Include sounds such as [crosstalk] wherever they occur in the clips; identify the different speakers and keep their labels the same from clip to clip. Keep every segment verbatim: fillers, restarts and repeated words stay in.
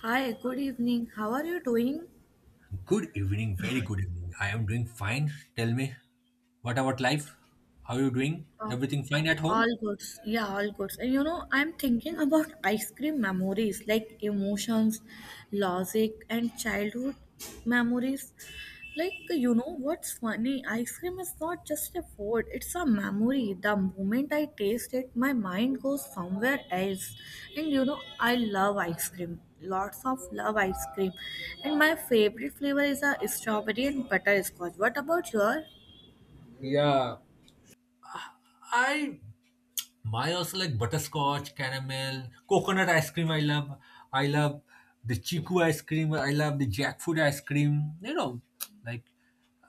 Speaker 1: Hi, good evening. How are you doing?
Speaker 2: Good evening, very good evening. I am doing fine. Tell me, what about life? How are you doing?
Speaker 1: Uh,
Speaker 2: Everything fine at home?
Speaker 1: all good. Yeah, all good. And you know, I'm thinking about ice cream memories, like emotions, logic, and childhood memories. Like, you know, what's funny? Ice cream is not just a food, it's a memory. The moment I taste it, my mind goes somewhere else. And you know, I love ice cream. Lots of love ice cream. And my favorite flavor is a strawberry and butterscotch. What about your?
Speaker 2: Yeah, I my also like butterscotch, caramel, coconut ice cream I love. I love the chiku ice cream, I love the jackfruit ice cream, you know, like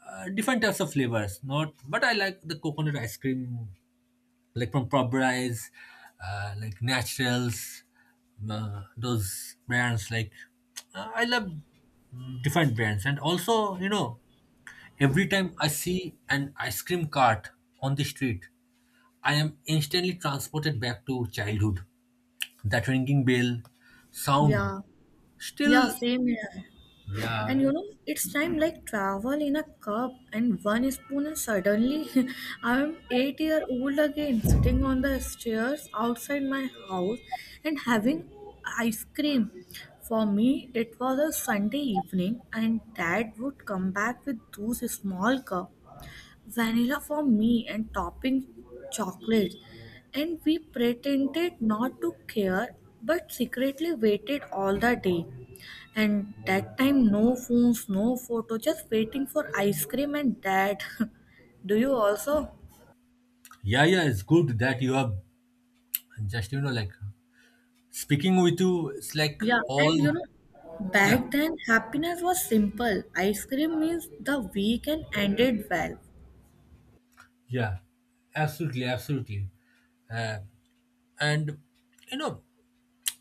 Speaker 2: uh, different types of flavors. Not but I like the coconut ice cream like from Popeyes, uh, like Naturals, uh, those brands. Like uh, I love mm, different brands, and also you know every time I see an ice cream cart on the street, I am instantly transported back to childhood. That ringing bell sound
Speaker 1: Yeah, yeah,
Speaker 2: still,
Speaker 1: same here.
Speaker 2: yeah,
Speaker 1: And you
Speaker 2: like
Speaker 1: know, it's time like travel in a cup and one spoon, and suddenly [laughs] I'm eight year old again, sitting on the stairs outside my house and having ice cream. For me, it was a Sunday evening, and dad would come back with those small cup, vanilla for me, and topping chocolate. And we pretended not to care but secretly waited all the day. And that time no phones, no photo, just waiting for ice cream and that. [laughs] Do you also?
Speaker 2: yeah, yeah, it's good that you are just you know like speaking with you. It's like
Speaker 1: Yeah,
Speaker 2: all
Speaker 1: and you know,
Speaker 2: yeah.
Speaker 1: back then happiness was simple. Ice cream means the weekend ended well.
Speaker 2: Yeah, absolutely, absolutely. Uh, and you know,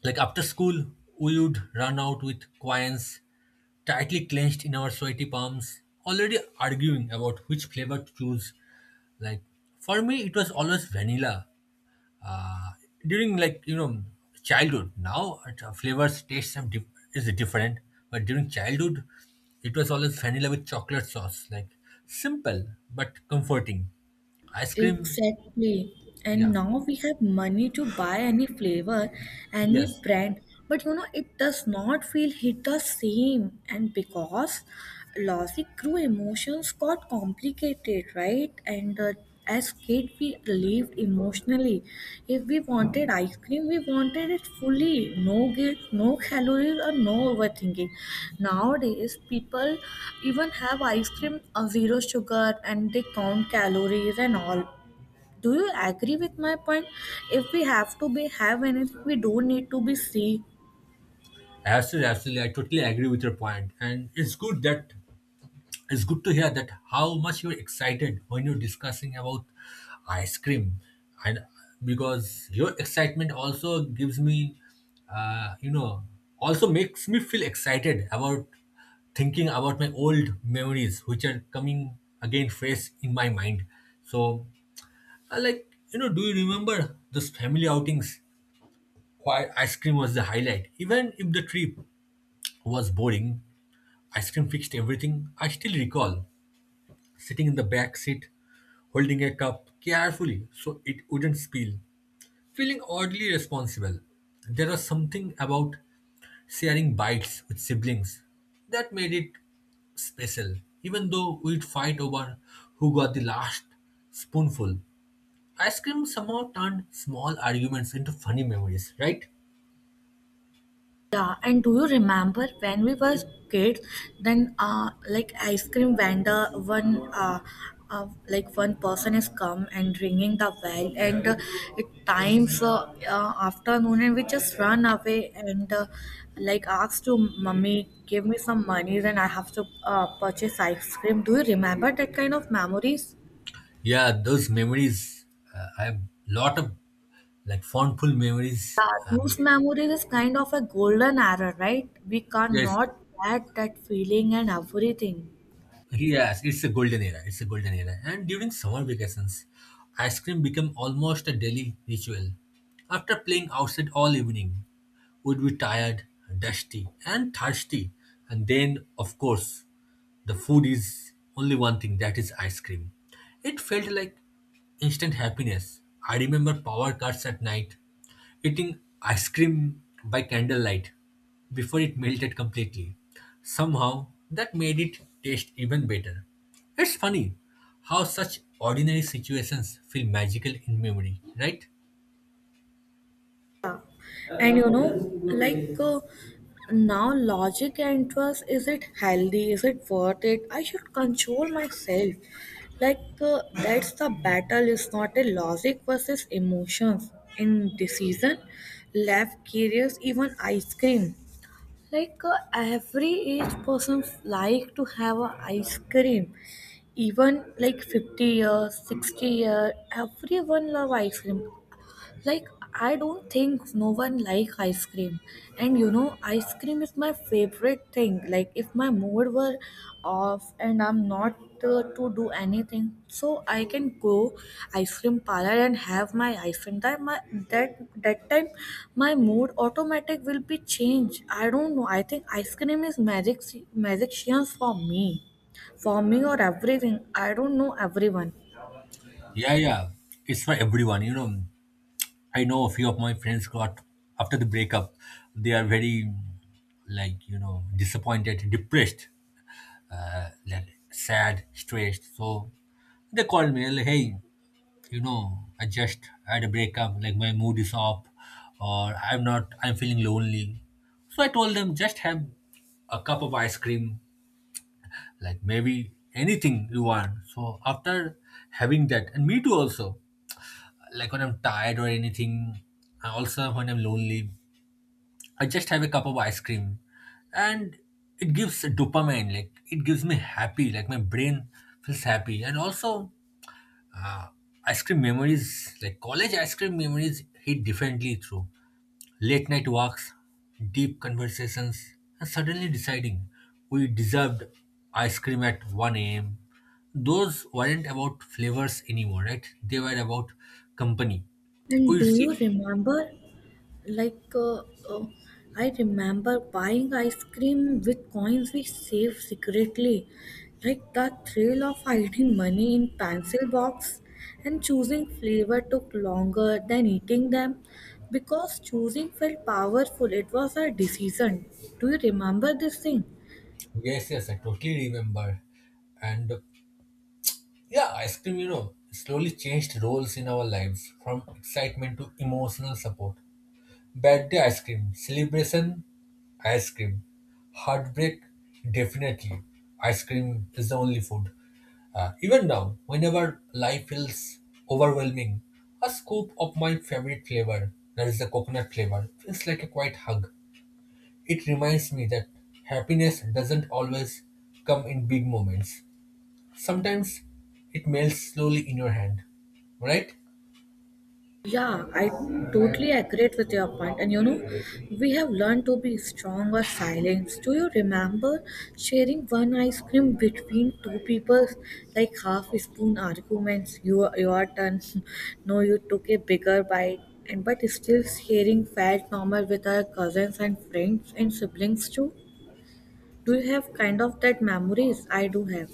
Speaker 2: like after school, we would run out with coins tightly clenched in our sweaty palms, already arguing about which flavor to choose. Like for me, it was always vanilla. Uh, during like you know childhood, now uh, flavors taste some dif- is different, but during childhood, it was always vanilla with chocolate sauce. Like simple but comforting ice cream.
Speaker 1: Exactly. And
Speaker 2: Yeah.
Speaker 1: now we have money to buy any flavor, any
Speaker 2: Yes.
Speaker 1: brand. But you know, it does not feel hit the same. And because logic grew, emotions got complicated, right? And uh, as kid we lived emotionally. If we wanted ice cream we wanted it fully, no guilt, no calories or no overthinking. Nowadays people even have ice cream of zero sugar and they count calories and all. Do you agree with my point? If we have to be have anything we don't need to be sick.
Speaker 2: Absolutely, absolutely. I totally agree with your point. And it's good that it's good to hear that how much you're excited when you're discussing about ice cream. And because your excitement also gives me uh, you know, also makes me feel excited about thinking about my old memories, which are coming again fresh in my mind. So, I like, you know, do you remember those family outings? Why ice cream was the highlight, even if the trip was boring. Ice cream fixed everything. I still recall sitting in the back seat, holding a cup carefully so it wouldn't spill, feeling oddly responsible. There was something about sharing bites with siblings that made it special, even though we'd fight over who got the last spoonful. Ice cream somehow turned small arguments into funny memories, right?
Speaker 1: Yeah, and do you remember when we were kids? Then, uh, like ice cream vendor, one uh, uh, like one person is come and ringing the bell, and uh, it times uh, uh, afternoon, and we just run away and uh, like ask to mummy, give me some money, then I have to uh, purchase ice cream. Do you remember that kind of memories?
Speaker 2: Yeah, those memories. Uh, I have lot of like fondful memories.
Speaker 1: Yeah, those
Speaker 2: Um,
Speaker 1: memories is kind of a golden era, right? We
Speaker 2: yes,
Speaker 1: cannot get that feeling and everything.
Speaker 2: yes, it's a golden era. It's a golden era. And during summer vacations, ice cream became almost a daily ritual. After playing outside all evening, would be tired, dusty, and thirsty, and then of course the food is only one thing, that is ice cream. It felt like instant happiness. I remember power cuts at night, eating ice cream by candlelight before it melted completely. Somehow, that made it taste even better. It's funny how such ordinary situations feel magical in memory, right?
Speaker 1: And you know, like uh, now, logic and trust, is it healthy? Is it worth it? I should control myself. Like, uh, that's the battle, it's not a logic versus emotions. In decision, left curious, even ice cream. Like, uh, every age person like to have a ice cream. Even like fifty years, sixty years, everyone love ice cream. Like I don't think no one like ice cream. And you know, ice cream is my favorite thing. Like if my mood were off and I'm not uh, to do anything, so I can go ice cream parlor and have my ice cream. That my that that time my mood automatic will be changed. I don't know. I think ice cream is magic magician for me. For me or everything. I don't know everyone.
Speaker 2: Yeah, yeah. It's for everyone, you know. I know a few of my friends got after the breakup, they are very like you know disappointed, depressed, uh, like sad, stressed. So they called me like, hey, you know, I just had a breakup. Like my mood is off, or I'm not. I'm feeling lonely. So I told them just have a cup of ice cream, like maybe anything you want. So after having that, and me too also, like when I'm tired or anything, and also when I'm lonely, I just have a cup of ice cream and it gives dopamine, like it gives me happy, like my brain feels happy. And also, uh, ice cream memories, like college ice cream memories, hit differently through late night walks, deep conversations, and suddenly deciding we deserved ice cream at one a m. Those weren't about flavors anymore, right? They were about company.
Speaker 1: And
Speaker 2: We
Speaker 1: do
Speaker 2: used to-
Speaker 1: you remember like uh, uh, I remember buying ice cream with coins we saved secretly, like the thrill of hiding money in pencil box, and choosing flavor took longer than eating them, because choosing felt powerful, it was a decision. Do you remember this thing?
Speaker 2: Yes, yes, I totally remember. And yeah, ice cream, you know, slowly changed roles in our lives from excitement to emotional support. Bad day ice cream, celebration, ice cream, heartbreak, definitely. Ice cream is the only food. Uh, even now, whenever life feels overwhelming, a scoop of my favorite flavor, that is the coconut flavor, feels like a quiet hug. It reminds me that happiness doesn't always come in big moments. Sometimes it melts slowly in your hand, right?
Speaker 1: Yeah, I totally agree with your point. And you know, we have learned to be strong or silent. Do you remember sharing one ice cream between two people, like half spoon arguments? You your turn. [laughs] No, you took a bigger bite. And but still sharing felt normal with our cousins and friends and siblings too. Do you have kind of that memories? I do have.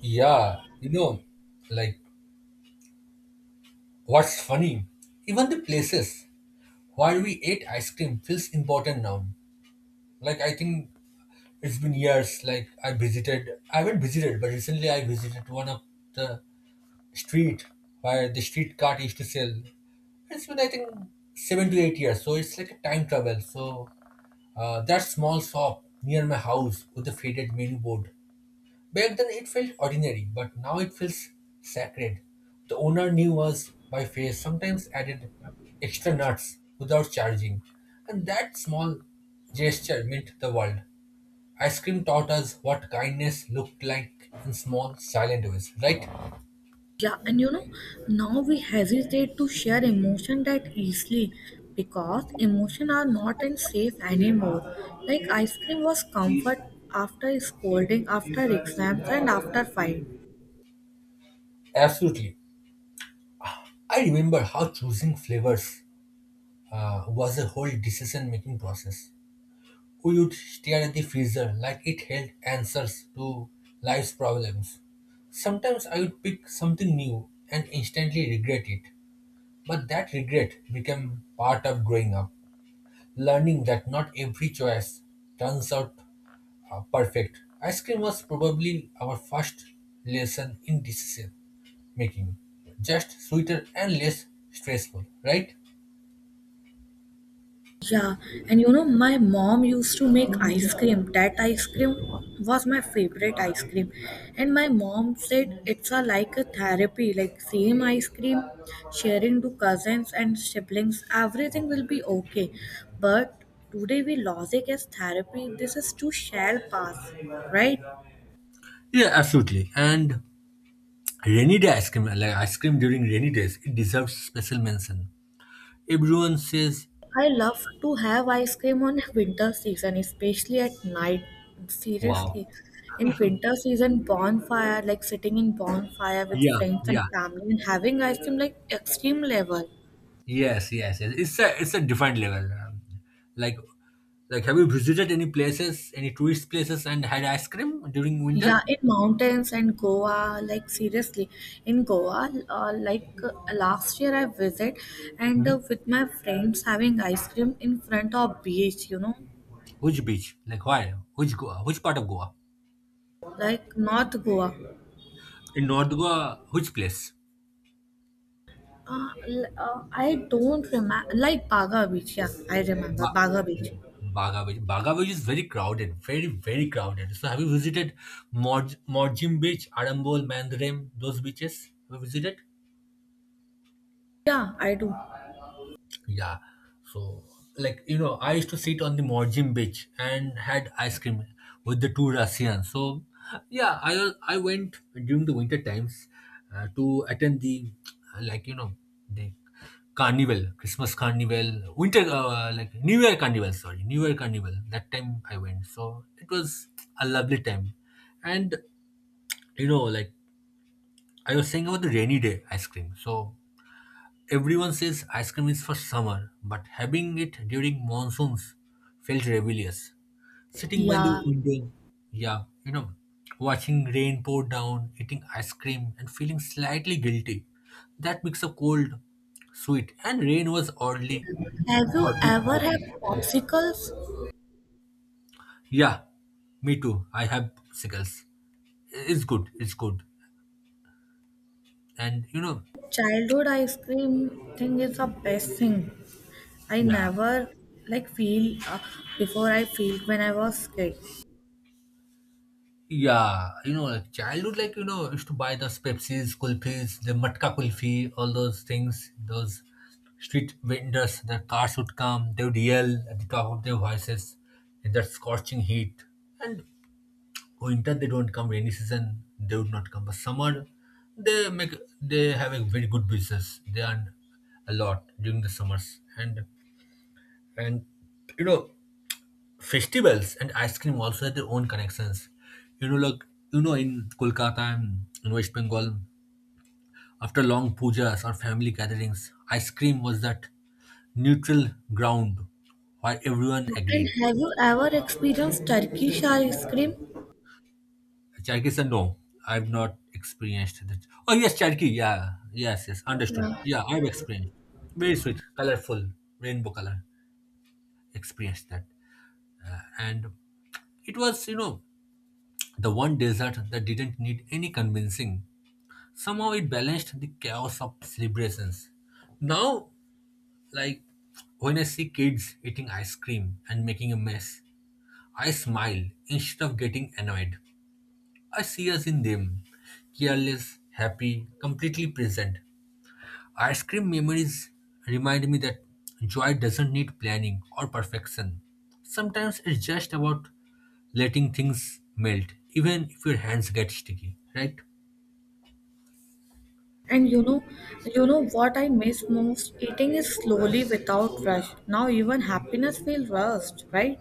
Speaker 2: Yeah, you know, like what's funny? Even the places where we ate ice cream feels important now. Like I think it's been years. Like I visited, I haven't visited, but recently I visited one of the street where the street cart used to sell. It's been I think seven to eight years, so it's like a time travel. So uh, that small shop near my house with the faded menu board. Back then it felt ordinary, but now it feels sacred. The owner knew us by face, sometimes added extra nuts without charging. And that small gesture meant the world. Ice cream taught us what kindness looked like in small, silent ways, right?
Speaker 1: Yeah, and you know, now we hesitate to share emotion that easily, because emotion are not in safe anymore. Like ice cream was comfort after scolding, after exams, and after fight.
Speaker 2: Absolutely. I remember how choosing flavors uh, was a whole decision making process. We would stare at the freezer like it held answers to life's problems. Sometimes I would pick something new and instantly regret it. But that regret became part of growing up, learning that not every choice turns out uh, perfect. Ice cream was probably our first lesson in decision making, just sweeter and less stressful, right?
Speaker 1: Yeah, and you know, my mom used to make ice cream. That ice cream was my favorite ice cream. And my mom said it's a, like a therapy, like same ice cream, sharing to cousins and siblings, everything will be okay. But today we logic as therapy. This is too shall pass, right?
Speaker 2: Yeah, absolutely. And rainy day ice cream, like ice cream during rainy days, it deserves special mention. Everyone says,
Speaker 1: I love to have ice cream on [laughs] winter season, especially at night.
Speaker 2: "Wow,
Speaker 1: Seriously, in winter season, bonfire, like sitting in bonfire with
Speaker 2: yeah,
Speaker 1: friends and
Speaker 2: yeah,
Speaker 1: family and having ice cream, like extreme level.
Speaker 2: yes, yes, yes." It's a it's a different level. Um, Like, like, have you visited any places, any tourist places, and had ice cream during
Speaker 1: Yeah,
Speaker 2: winter?
Speaker 1: in mountains and Goa, like seriously, in Goa, uh, like uh, last year I visit and
Speaker 2: Hmm.
Speaker 1: uh, with my friends having ice cream in front of beach, you know,
Speaker 2: Which beach? Like, why? Which Goa? Which part of Goa?
Speaker 1: like North Goa.
Speaker 2: In North Goa, which place?
Speaker 1: Uh, l- uh, I don't remember, like Baga Beach. Yeah, I remember
Speaker 2: Ba-
Speaker 1: Baga Beach.
Speaker 2: yeah, Baga Beach. Baga Beach is very crowded, very, very crowded. So, have you visited Mor Morjim Beach, Arambol, Mandrem, those beaches? Have you visited?
Speaker 1: Yeah, I do.
Speaker 2: Yeah. So, like, you know, I used to sit on the Morjim beach and had ice cream with the two Russians. So, yeah, I was- I went during the winter times uh, to attend the, uh, like, you know, the carnival, Christmas carnival, winter, uh, like New Year carnival, sorry, New Year carnival. That time I went. So, it was a lovely time. And, you know, like, I was saying about the rainy day ice cream. So, everyone says ice cream is for summer, but having it during monsoons felt rebellious. Sitting by the
Speaker 1: Yeah.
Speaker 2: window, yeah, you know, watching rain pour down, eating ice cream, and feeling slightly guilty. That mix of cold, sweet, and rain was oddly,
Speaker 1: Have you
Speaker 2: oddly
Speaker 1: ever had
Speaker 2: comforting.
Speaker 1: popsicles?
Speaker 2: Yeah, me too. I have sickles. It's good. It's good. And you know,
Speaker 1: Childhood ice cream thing is the best thing. I
Speaker 2: yeah,
Speaker 1: never like feel uh, before I feel when I was kid.
Speaker 2: yeah, you know, like childhood, like, you know, used to buy those Pepsis, Kulfis, the Matka Kulfi, all those things, those street vendors, their cars would come, they would yell at the top of their voices in that scorching heat. And winter, they don't come, rainy season, they would not come. But summer, they make, they have a very good business. They earn a lot during the summers. And, and, you know, festivals and ice cream also have their own connections. You know, like you know, in Kolkata and in West Bengal, after long pujas or family gatherings, ice cream was that neutral ground where everyone
Speaker 1: And
Speaker 2: agreed.
Speaker 1: have you ever experienced Turkish ice cream?
Speaker 2: Cherkis and no, I've not experienced that. Oh yes, Cherki, yeah, yes, yes, understood.
Speaker 1: Yeah.
Speaker 2: Yeah, I've experienced. Very sweet, colorful, rainbow color. Experienced that, and it was you know the one desert that didn't need any convincing. Somehow it balanced the chaos of celebrations. Now, like when I see kids eating ice cream and making a mess, I smile instead of getting annoyed. I see us in them, careless, happy, completely present. Ice cream memories remind me that joy doesn't need planning or perfection. Sometimes it's just about letting things melt, even if your hands get sticky, right?
Speaker 1: And you know, you know what I miss most? Eating is slowly without rush. Now even happiness feels rushed, right?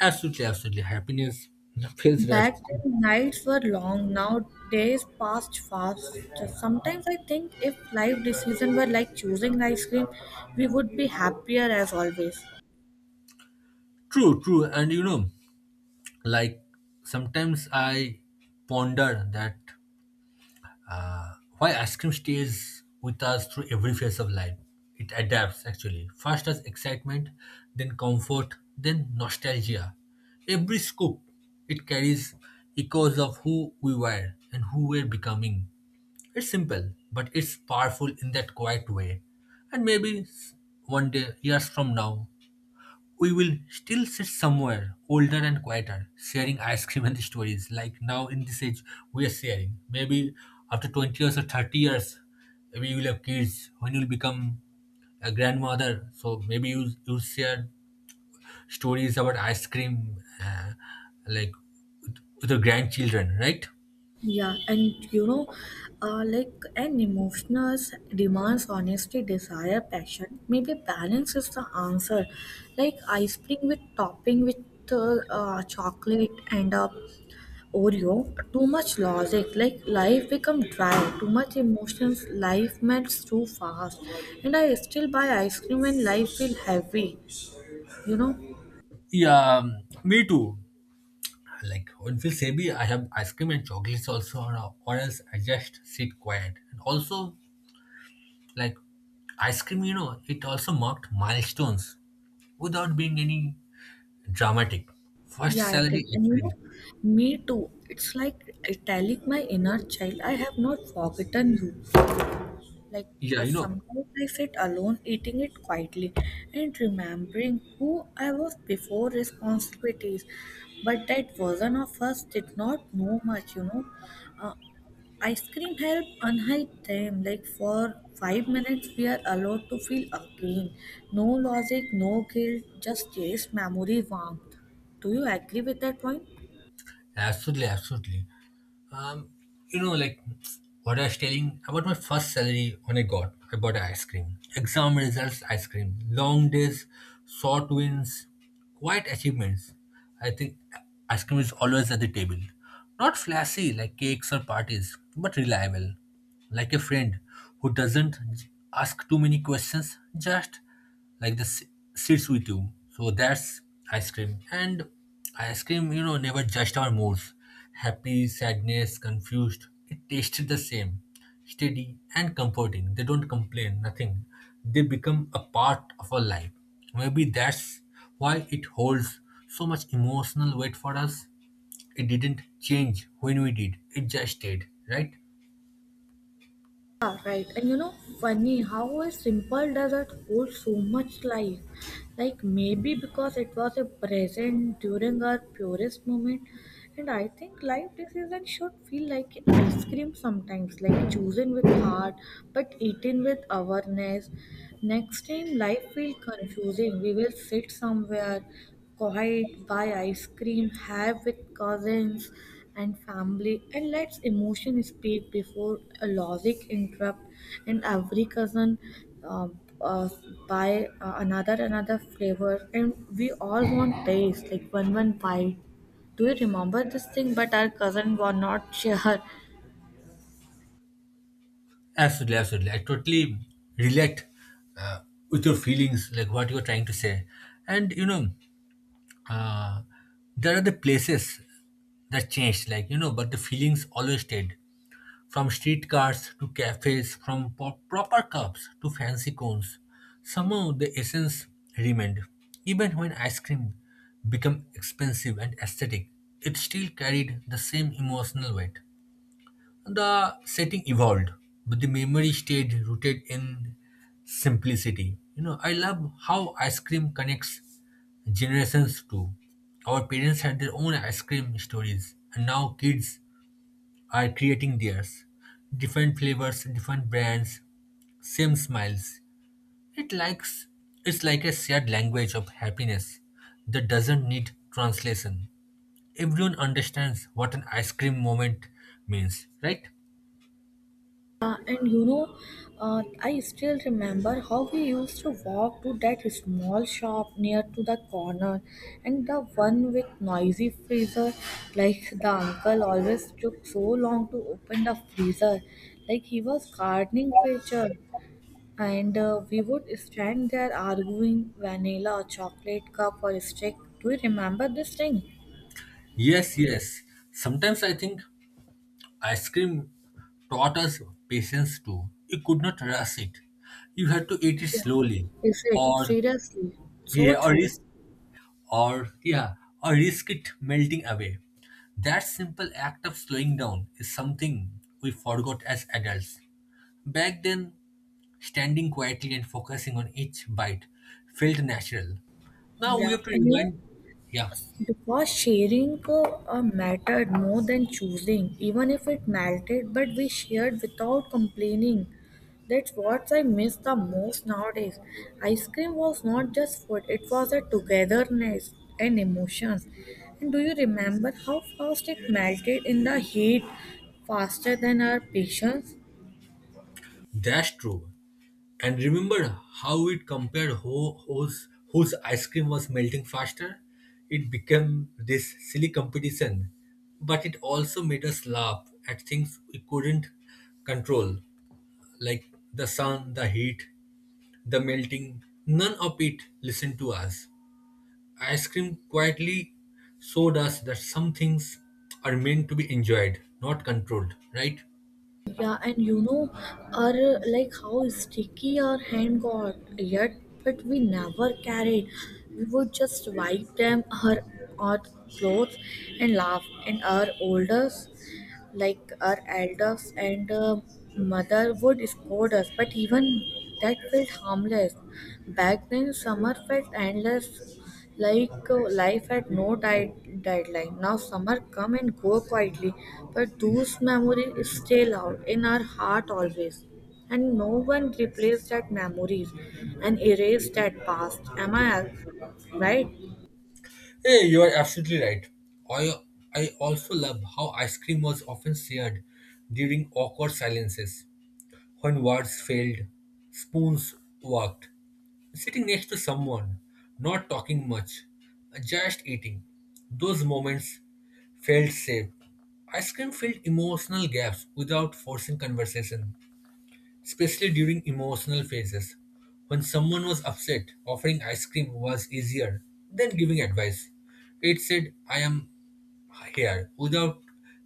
Speaker 2: Absolutely, absolutely. Happiness [laughs] feels
Speaker 1: Back
Speaker 2: rushed.
Speaker 1: then nights were long, now days passed fast. Just sometimes I think if life decisions were like choosing ice cream, we would be happier as always.
Speaker 2: True, true. And you know, like sometimes I ponder that uh, why ice cream stays with us through every phase of life. It adapts actually. First as excitement, then comfort, then nostalgia. Every scoop, it carries echoes of who we were and who we're becoming. It's simple, but it's powerful in that quiet way. And maybe s- one day, years from now, we will still sit somewhere older and quieter, sharing ice cream and stories like now in this age we are sharing. Maybe after twenty years or thirty years, maybe you will have kids when you'll become a grandmother. So maybe you you share stories about ice cream, uh, like with your grandchildren, right?
Speaker 1: Yeah, and you know, uh, like an emotional demands honesty, desire, passion. Maybe balance is the answer. Like ice cream with topping with uh, uh, chocolate and uh, Oreo, too much logic, like life become dry, too much emotions, life melts too fast. And I still buy ice cream when life feel heavy, you know?
Speaker 2: Yeah, me too. Like when it feels maybe I have ice cream and chocolates also, or, or else I just sit quiet. And also, like ice cream, you know, it also marked milestones without being any dramatic. First
Speaker 1: Yeah, it is.
Speaker 2: salary
Speaker 1: And
Speaker 2: ice
Speaker 1: you
Speaker 2: cream.
Speaker 1: know, me too. It's like italic my inner child. I have not forgotten you. Like
Speaker 2: Yeah,
Speaker 1: 'cause
Speaker 2: you know,
Speaker 1: sometimes I sit alone eating it quietly and remembering who I was before responsibilities. But that version of us did not know much, you know. Uh, Ice cream help unhide them. Like for five minutes, we are allowed to feel again. No logic, no guilt, just taste, memory, warmth. Do you agree with that point?
Speaker 2: absolutely, absolutely. Um, you know, like what I was telling about my first salary when I got, I bought ice cream. Exam results, ice cream. Long days, short wins, quiet achievements. I think ice cream is always at the table. Not flashy like cakes or parties, but reliable. Like a friend who doesn't ask too many questions, just like the s- sits with you. So that's ice cream. And ice cream, you know, never judged our moods. Happy, sadness, confused. It tasted the same. Steady and comforting. They don't complain, nothing. They become a part of our life. Maybe that's why it holds so much emotional weight for us. It didn't change when we did, it just stayed, right?
Speaker 1: Yeah, right. And you know, funny how a simple dessert holds so much life. Like maybe because it was a present during our purest moment. And I think life decision should feel like ice cream sometimes, like chosen with heart, but eaten with awareness. Next time life will confusing. We will sit somewhere quiet, buy ice cream, have with cousins and family, and let's emotion speak before a logic interrupt. And every cousin uh, uh, buy uh, another another flavor, and we all want taste like one one bite. Do you remember this thing? But our cousin was not [laughs] sure.
Speaker 2: Absolutely, absolutely. I totally relate uh, with your feelings, like what you're trying to say. And you know, uh, there are the places that changed, like you know, but the feelings always stayed. From streetcars to cafes, from po- proper cups to fancy cones, somehow the essence remained. Even when ice cream became expensive and aesthetic, it still carried the same emotional weight. The setting evolved, but the memory stayed rooted in simplicity. You know, I love how ice cream connects generations too. Our parents had their own ice cream stories, and now kids are creating theirs. Different flavors, different brands, same smiles. It likes it's like a shared language of happiness that doesn't need translation. Everyone understands what an ice cream moment means, right?
Speaker 1: Uh, and you know, uh, I still remember how we used to walk to that small shop near to the corner, and the one with noisy freezer. Like the uncle always took so long to open the freezer, like he was gardening creature. And uh, we would stand there arguing vanilla, chocolate cup, or stick. Do you remember this thing?
Speaker 2: Yes, yes. Sometimes I think ice cream taught us patience too. You could not rush it. You had to eat it slowly,
Speaker 1: Is it
Speaker 2: or
Speaker 1: seriously so
Speaker 2: yeah, or
Speaker 1: true?
Speaker 2: risk, or yeah, or risk it melting away. That simple act of slowing down is something we forgot as adults. Back then, standing quietly and focusing on each bite felt natural. Now we
Speaker 1: Yeah,
Speaker 2: have to
Speaker 1: and you know.
Speaker 2: remind, yeah,
Speaker 1: Because sharing uh, mattered more than choosing, even if it melted, but we shared without complaining. That's what I miss the most nowadays. Ice cream was not just food, it was a togetherness and emotions. And do you remember how fast it melted in the heat, faster than our patience?
Speaker 2: that's true. And remember how it compared who, whose, whose ice cream was melting faster? It became this silly competition, but it also made us laugh at things we couldn't control, like the sun, the heat, the melting. None of it listened to us. Ice cream quietly showed us that some things are meant to be enjoyed, not controlled, right?
Speaker 1: Yeah, and you know, our uh, like how sticky our hand got. Yet, but we never carried. We would just wipe them her our clothes and laugh. And our elders, like our elders and uh, mother, would scold us. But even that felt harmless. Back then, summer felt endless like uh, life had no di- deadline. Now summer come and go quietly, but those memories stay loud in our heart always. And no one replaced that memories and erased that past. Am I right?
Speaker 2: Hey, you are absolutely right. I, I also love how ice cream was often shared during awkward silences, when words failed, spoons worked. Sitting next to someone, not talking much, just eating. Those moments felt safe. Ice cream filled emotional gaps without forcing conversation, especially during emotional phases. When someone was upset, offering ice cream was easier than giving advice. It said, I am here without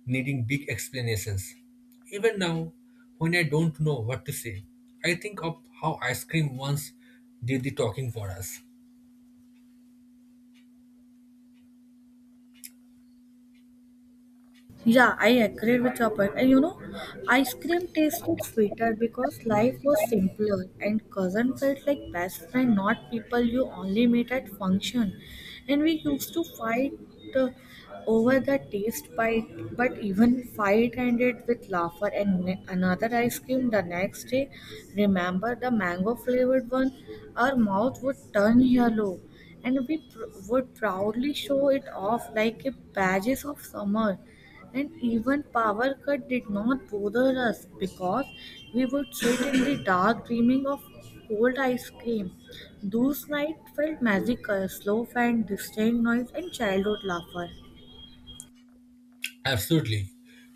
Speaker 2: needing big explanations. Even now, when I don't know what to say, I think of how ice cream once did the talking for us.
Speaker 1: Yeah, I agree with your point. And you know, ice cream tasted sweeter because life was simpler and cousin felt like best friend, not people you only meet at function. And we used to fight uh, over the taste bite, but even fight ended with laughter and ne- another ice cream the next day. Remember the mango flavored one? Our mouth would turn yellow and we pr- would proudly show it off like a badges of summer. And even power cut did not bother us, because we would sit in the dark dreaming of cold ice cream. Those nights felt magical, slow fan, distant noise, and childhood laughter.
Speaker 2: Absolutely.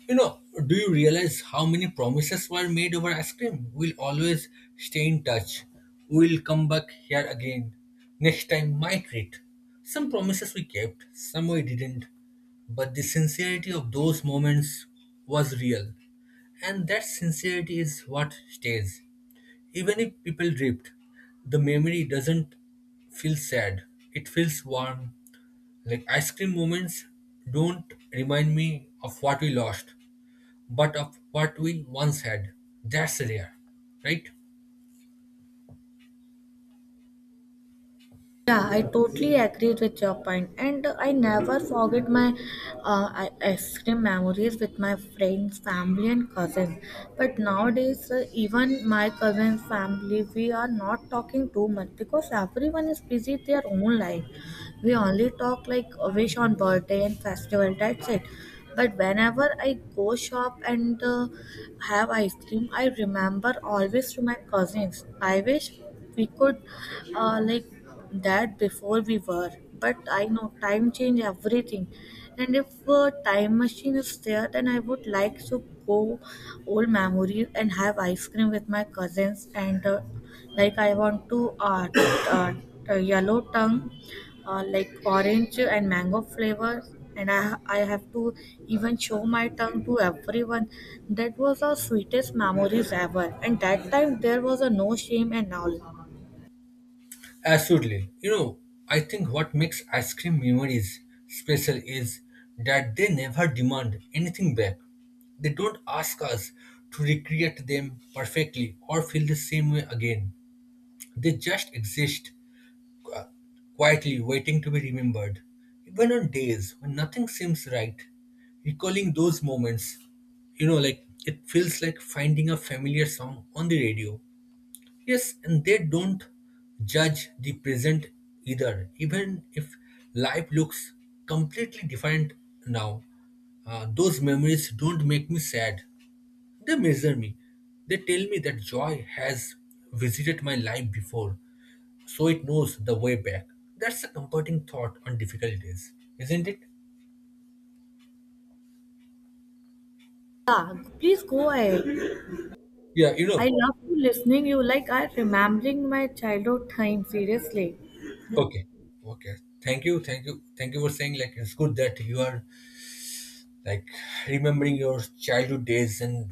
Speaker 2: You know, do you realize how many promises were made over ice cream? We'll always stay in touch. We'll come back here again. Next time, my treat. Some promises we kept, some we didn't. But the sincerity of those moments was real. And that sincerity is what stays. Even if people drift, the memory doesn't feel sad. It feels warm. Like ice cream moments don't remind me of what we lost, but of what we once had. That's rare, right?
Speaker 1: Yeah, I totally agree with your point, and I never forget my uh, i- ice cream memories with my friends, family, and cousins. But nowadays, uh, even my cousins' family, we are not talking too much because everyone is busy their own life. We only talk like a wish on birthday and festival. That's it. But whenever I go shop and uh, have ice cream. I remember always to my cousins. I wish we could uh, like that before we were, but I know time change everything. And if a time machine is there, then I would like to go old memory and have ice cream with my cousins. And uh, like I want to uh, [coughs] uh, yellow tongue uh, like orange and mango flavors, and I, I have to even show my tongue to everyone. That was our sweetest memories ever, and that time there was a no shame and all.
Speaker 2: Absolutely. You know, I think what makes ice cream memories special is that they never demand anything back. They don't ask us to recreate them perfectly or feel the same way again. They just exist, uh, quietly waiting to be remembered. Even on days when nothing seems right, recalling those moments, you know, like it feels like finding a familiar song on the radio. Yes, and they don't judge the present either, even if life looks completely different now. Uh, those memories don't make me sad. They measure me. They tell me that joy has visited my life before so it knows the way back. That's a comforting thought on difficult days, isn't it?
Speaker 1: Yeah, please go ahead.
Speaker 2: Yeah, you
Speaker 1: I
Speaker 2: know.
Speaker 1: love you listening you, like I remembering my childhood time seriously.
Speaker 2: Okay, okay. Thank you, thank you, thank you for saying like it's good that you are like remembering your childhood days and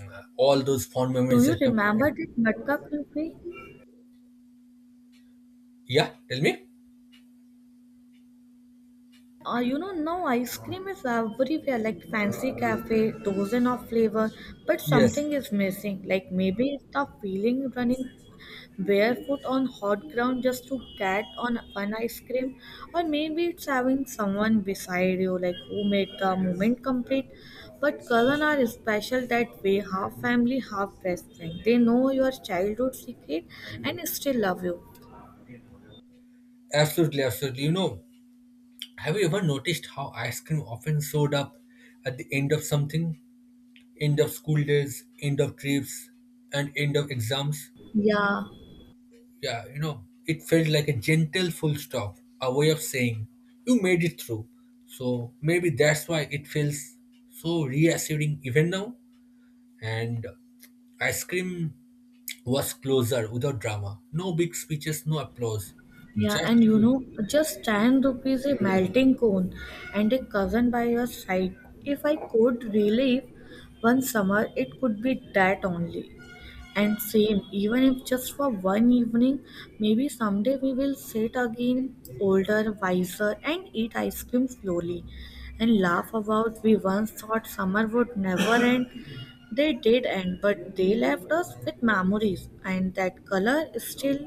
Speaker 2: uh, all those fond
Speaker 1: Do
Speaker 2: memories
Speaker 1: you
Speaker 2: that come.
Speaker 1: remember that matka kulfi?
Speaker 2: Yeah, tell me.
Speaker 1: Uh, you know, now ice cream is everywhere, like fancy cafe, dozen of flavor, but
Speaker 2: Yes,
Speaker 1: something is missing. Like maybe it's the feeling running barefoot on hot ground just to get on one ice cream, or maybe it's having someone beside you like who made the moment complete. But cousins are special that way, half family, half best friend. They know your childhood secret and still love you.
Speaker 2: absolutely, absolutely. You know, have you ever noticed how ice cream often showed up at the end of something, end of school days, end of trips, and end of exams?
Speaker 1: Yeah,
Speaker 2: Yeah, you know, it felt like a gentle full stop, a way of saying, you made it through. So maybe that's why it feels so reassuring even now. And ice cream was closer without drama. No big speeches, no applause.
Speaker 1: yeah, and
Speaker 2: Just
Speaker 1: you know, just ten rupees a melting cone and a cousin by your side. If I could relive one summer it could be that only. And same, even if just for one evening, maybe someday we will sit again, older, wiser, and eat ice cream slowly and laugh about we once thought summer would never end. They did end, but they left us with memories, and that color is still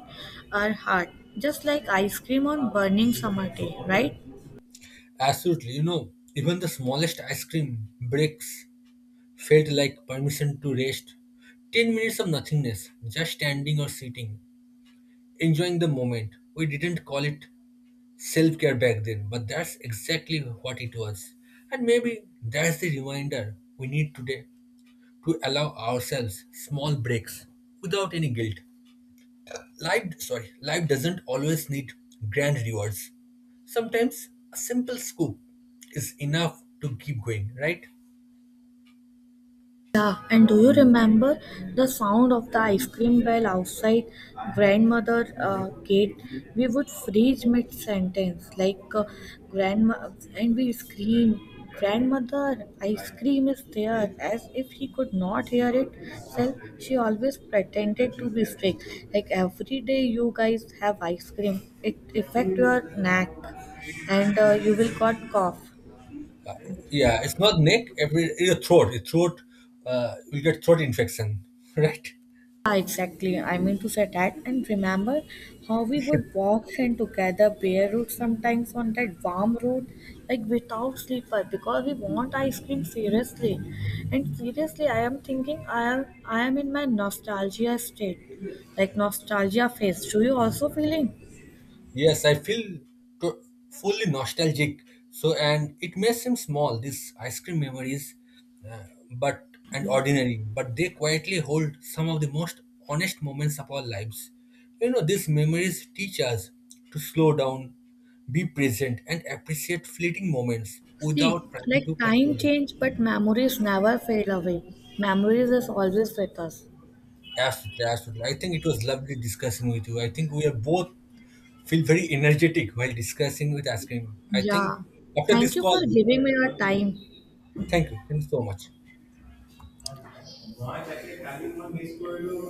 Speaker 1: our heart, just like ice cream on burning summer day, right?
Speaker 2: absolutely, you know, even the smallest ice cream breaks felt like permission to rest. ten minutes of nothingness, just standing or sitting, enjoying the moment. We didn't call it self care back then, but that's exactly what it was. And maybe that's the reminder we need today to allow ourselves small breaks without any guilt. Life, sorry, life doesn't always need grand rewards. Sometimes a simple scoop is enough to keep going, right?
Speaker 1: Yeah, and do you remember the sound of the ice cream bell outside grandmother uh, gate? We would freeze mid sentence, like uh, grandma, and we scream, "Grandmother, ice cream is there!" As if he could not hear it. Self, she always pretended to be sick. Like every day, you guys have ice cream. It affect your neck, and uh, you will got cough.
Speaker 2: Yeah, it's not neck, every your throat, your throat, uh, you get throat infection, [laughs] right?
Speaker 1: Yeah, exactly. I mean to say that. And remember how we would walk in together barefoot sometimes on that warm road, like without slipper, because we want ice cream seriously. And seriously, I am thinking I am I am in my nostalgia state, like nostalgia phase. Do you also feeling?
Speaker 2: Yes, I feel to- fully nostalgic. So, and it may seem small, these ice cream memories, uh, but and ordinary, but they quietly hold some of the most honest moments of our lives. You know, these memories teach us to slow down, be present, and appreciate fleeting moments
Speaker 1: See,
Speaker 2: without trying
Speaker 1: like
Speaker 2: to
Speaker 1: time
Speaker 2: control them.
Speaker 1: change, but memories never fade away. Memories is always with us.
Speaker 2: Absolutely, absolutely. I think it was lovely discussing with you. I think we are both feel very energetic while discussing with ice cream. I think
Speaker 1: Yeah.
Speaker 2: after
Speaker 1: Thank
Speaker 2: this
Speaker 1: you
Speaker 2: call,
Speaker 1: for giving me your time.
Speaker 2: thank you. Thank you so much.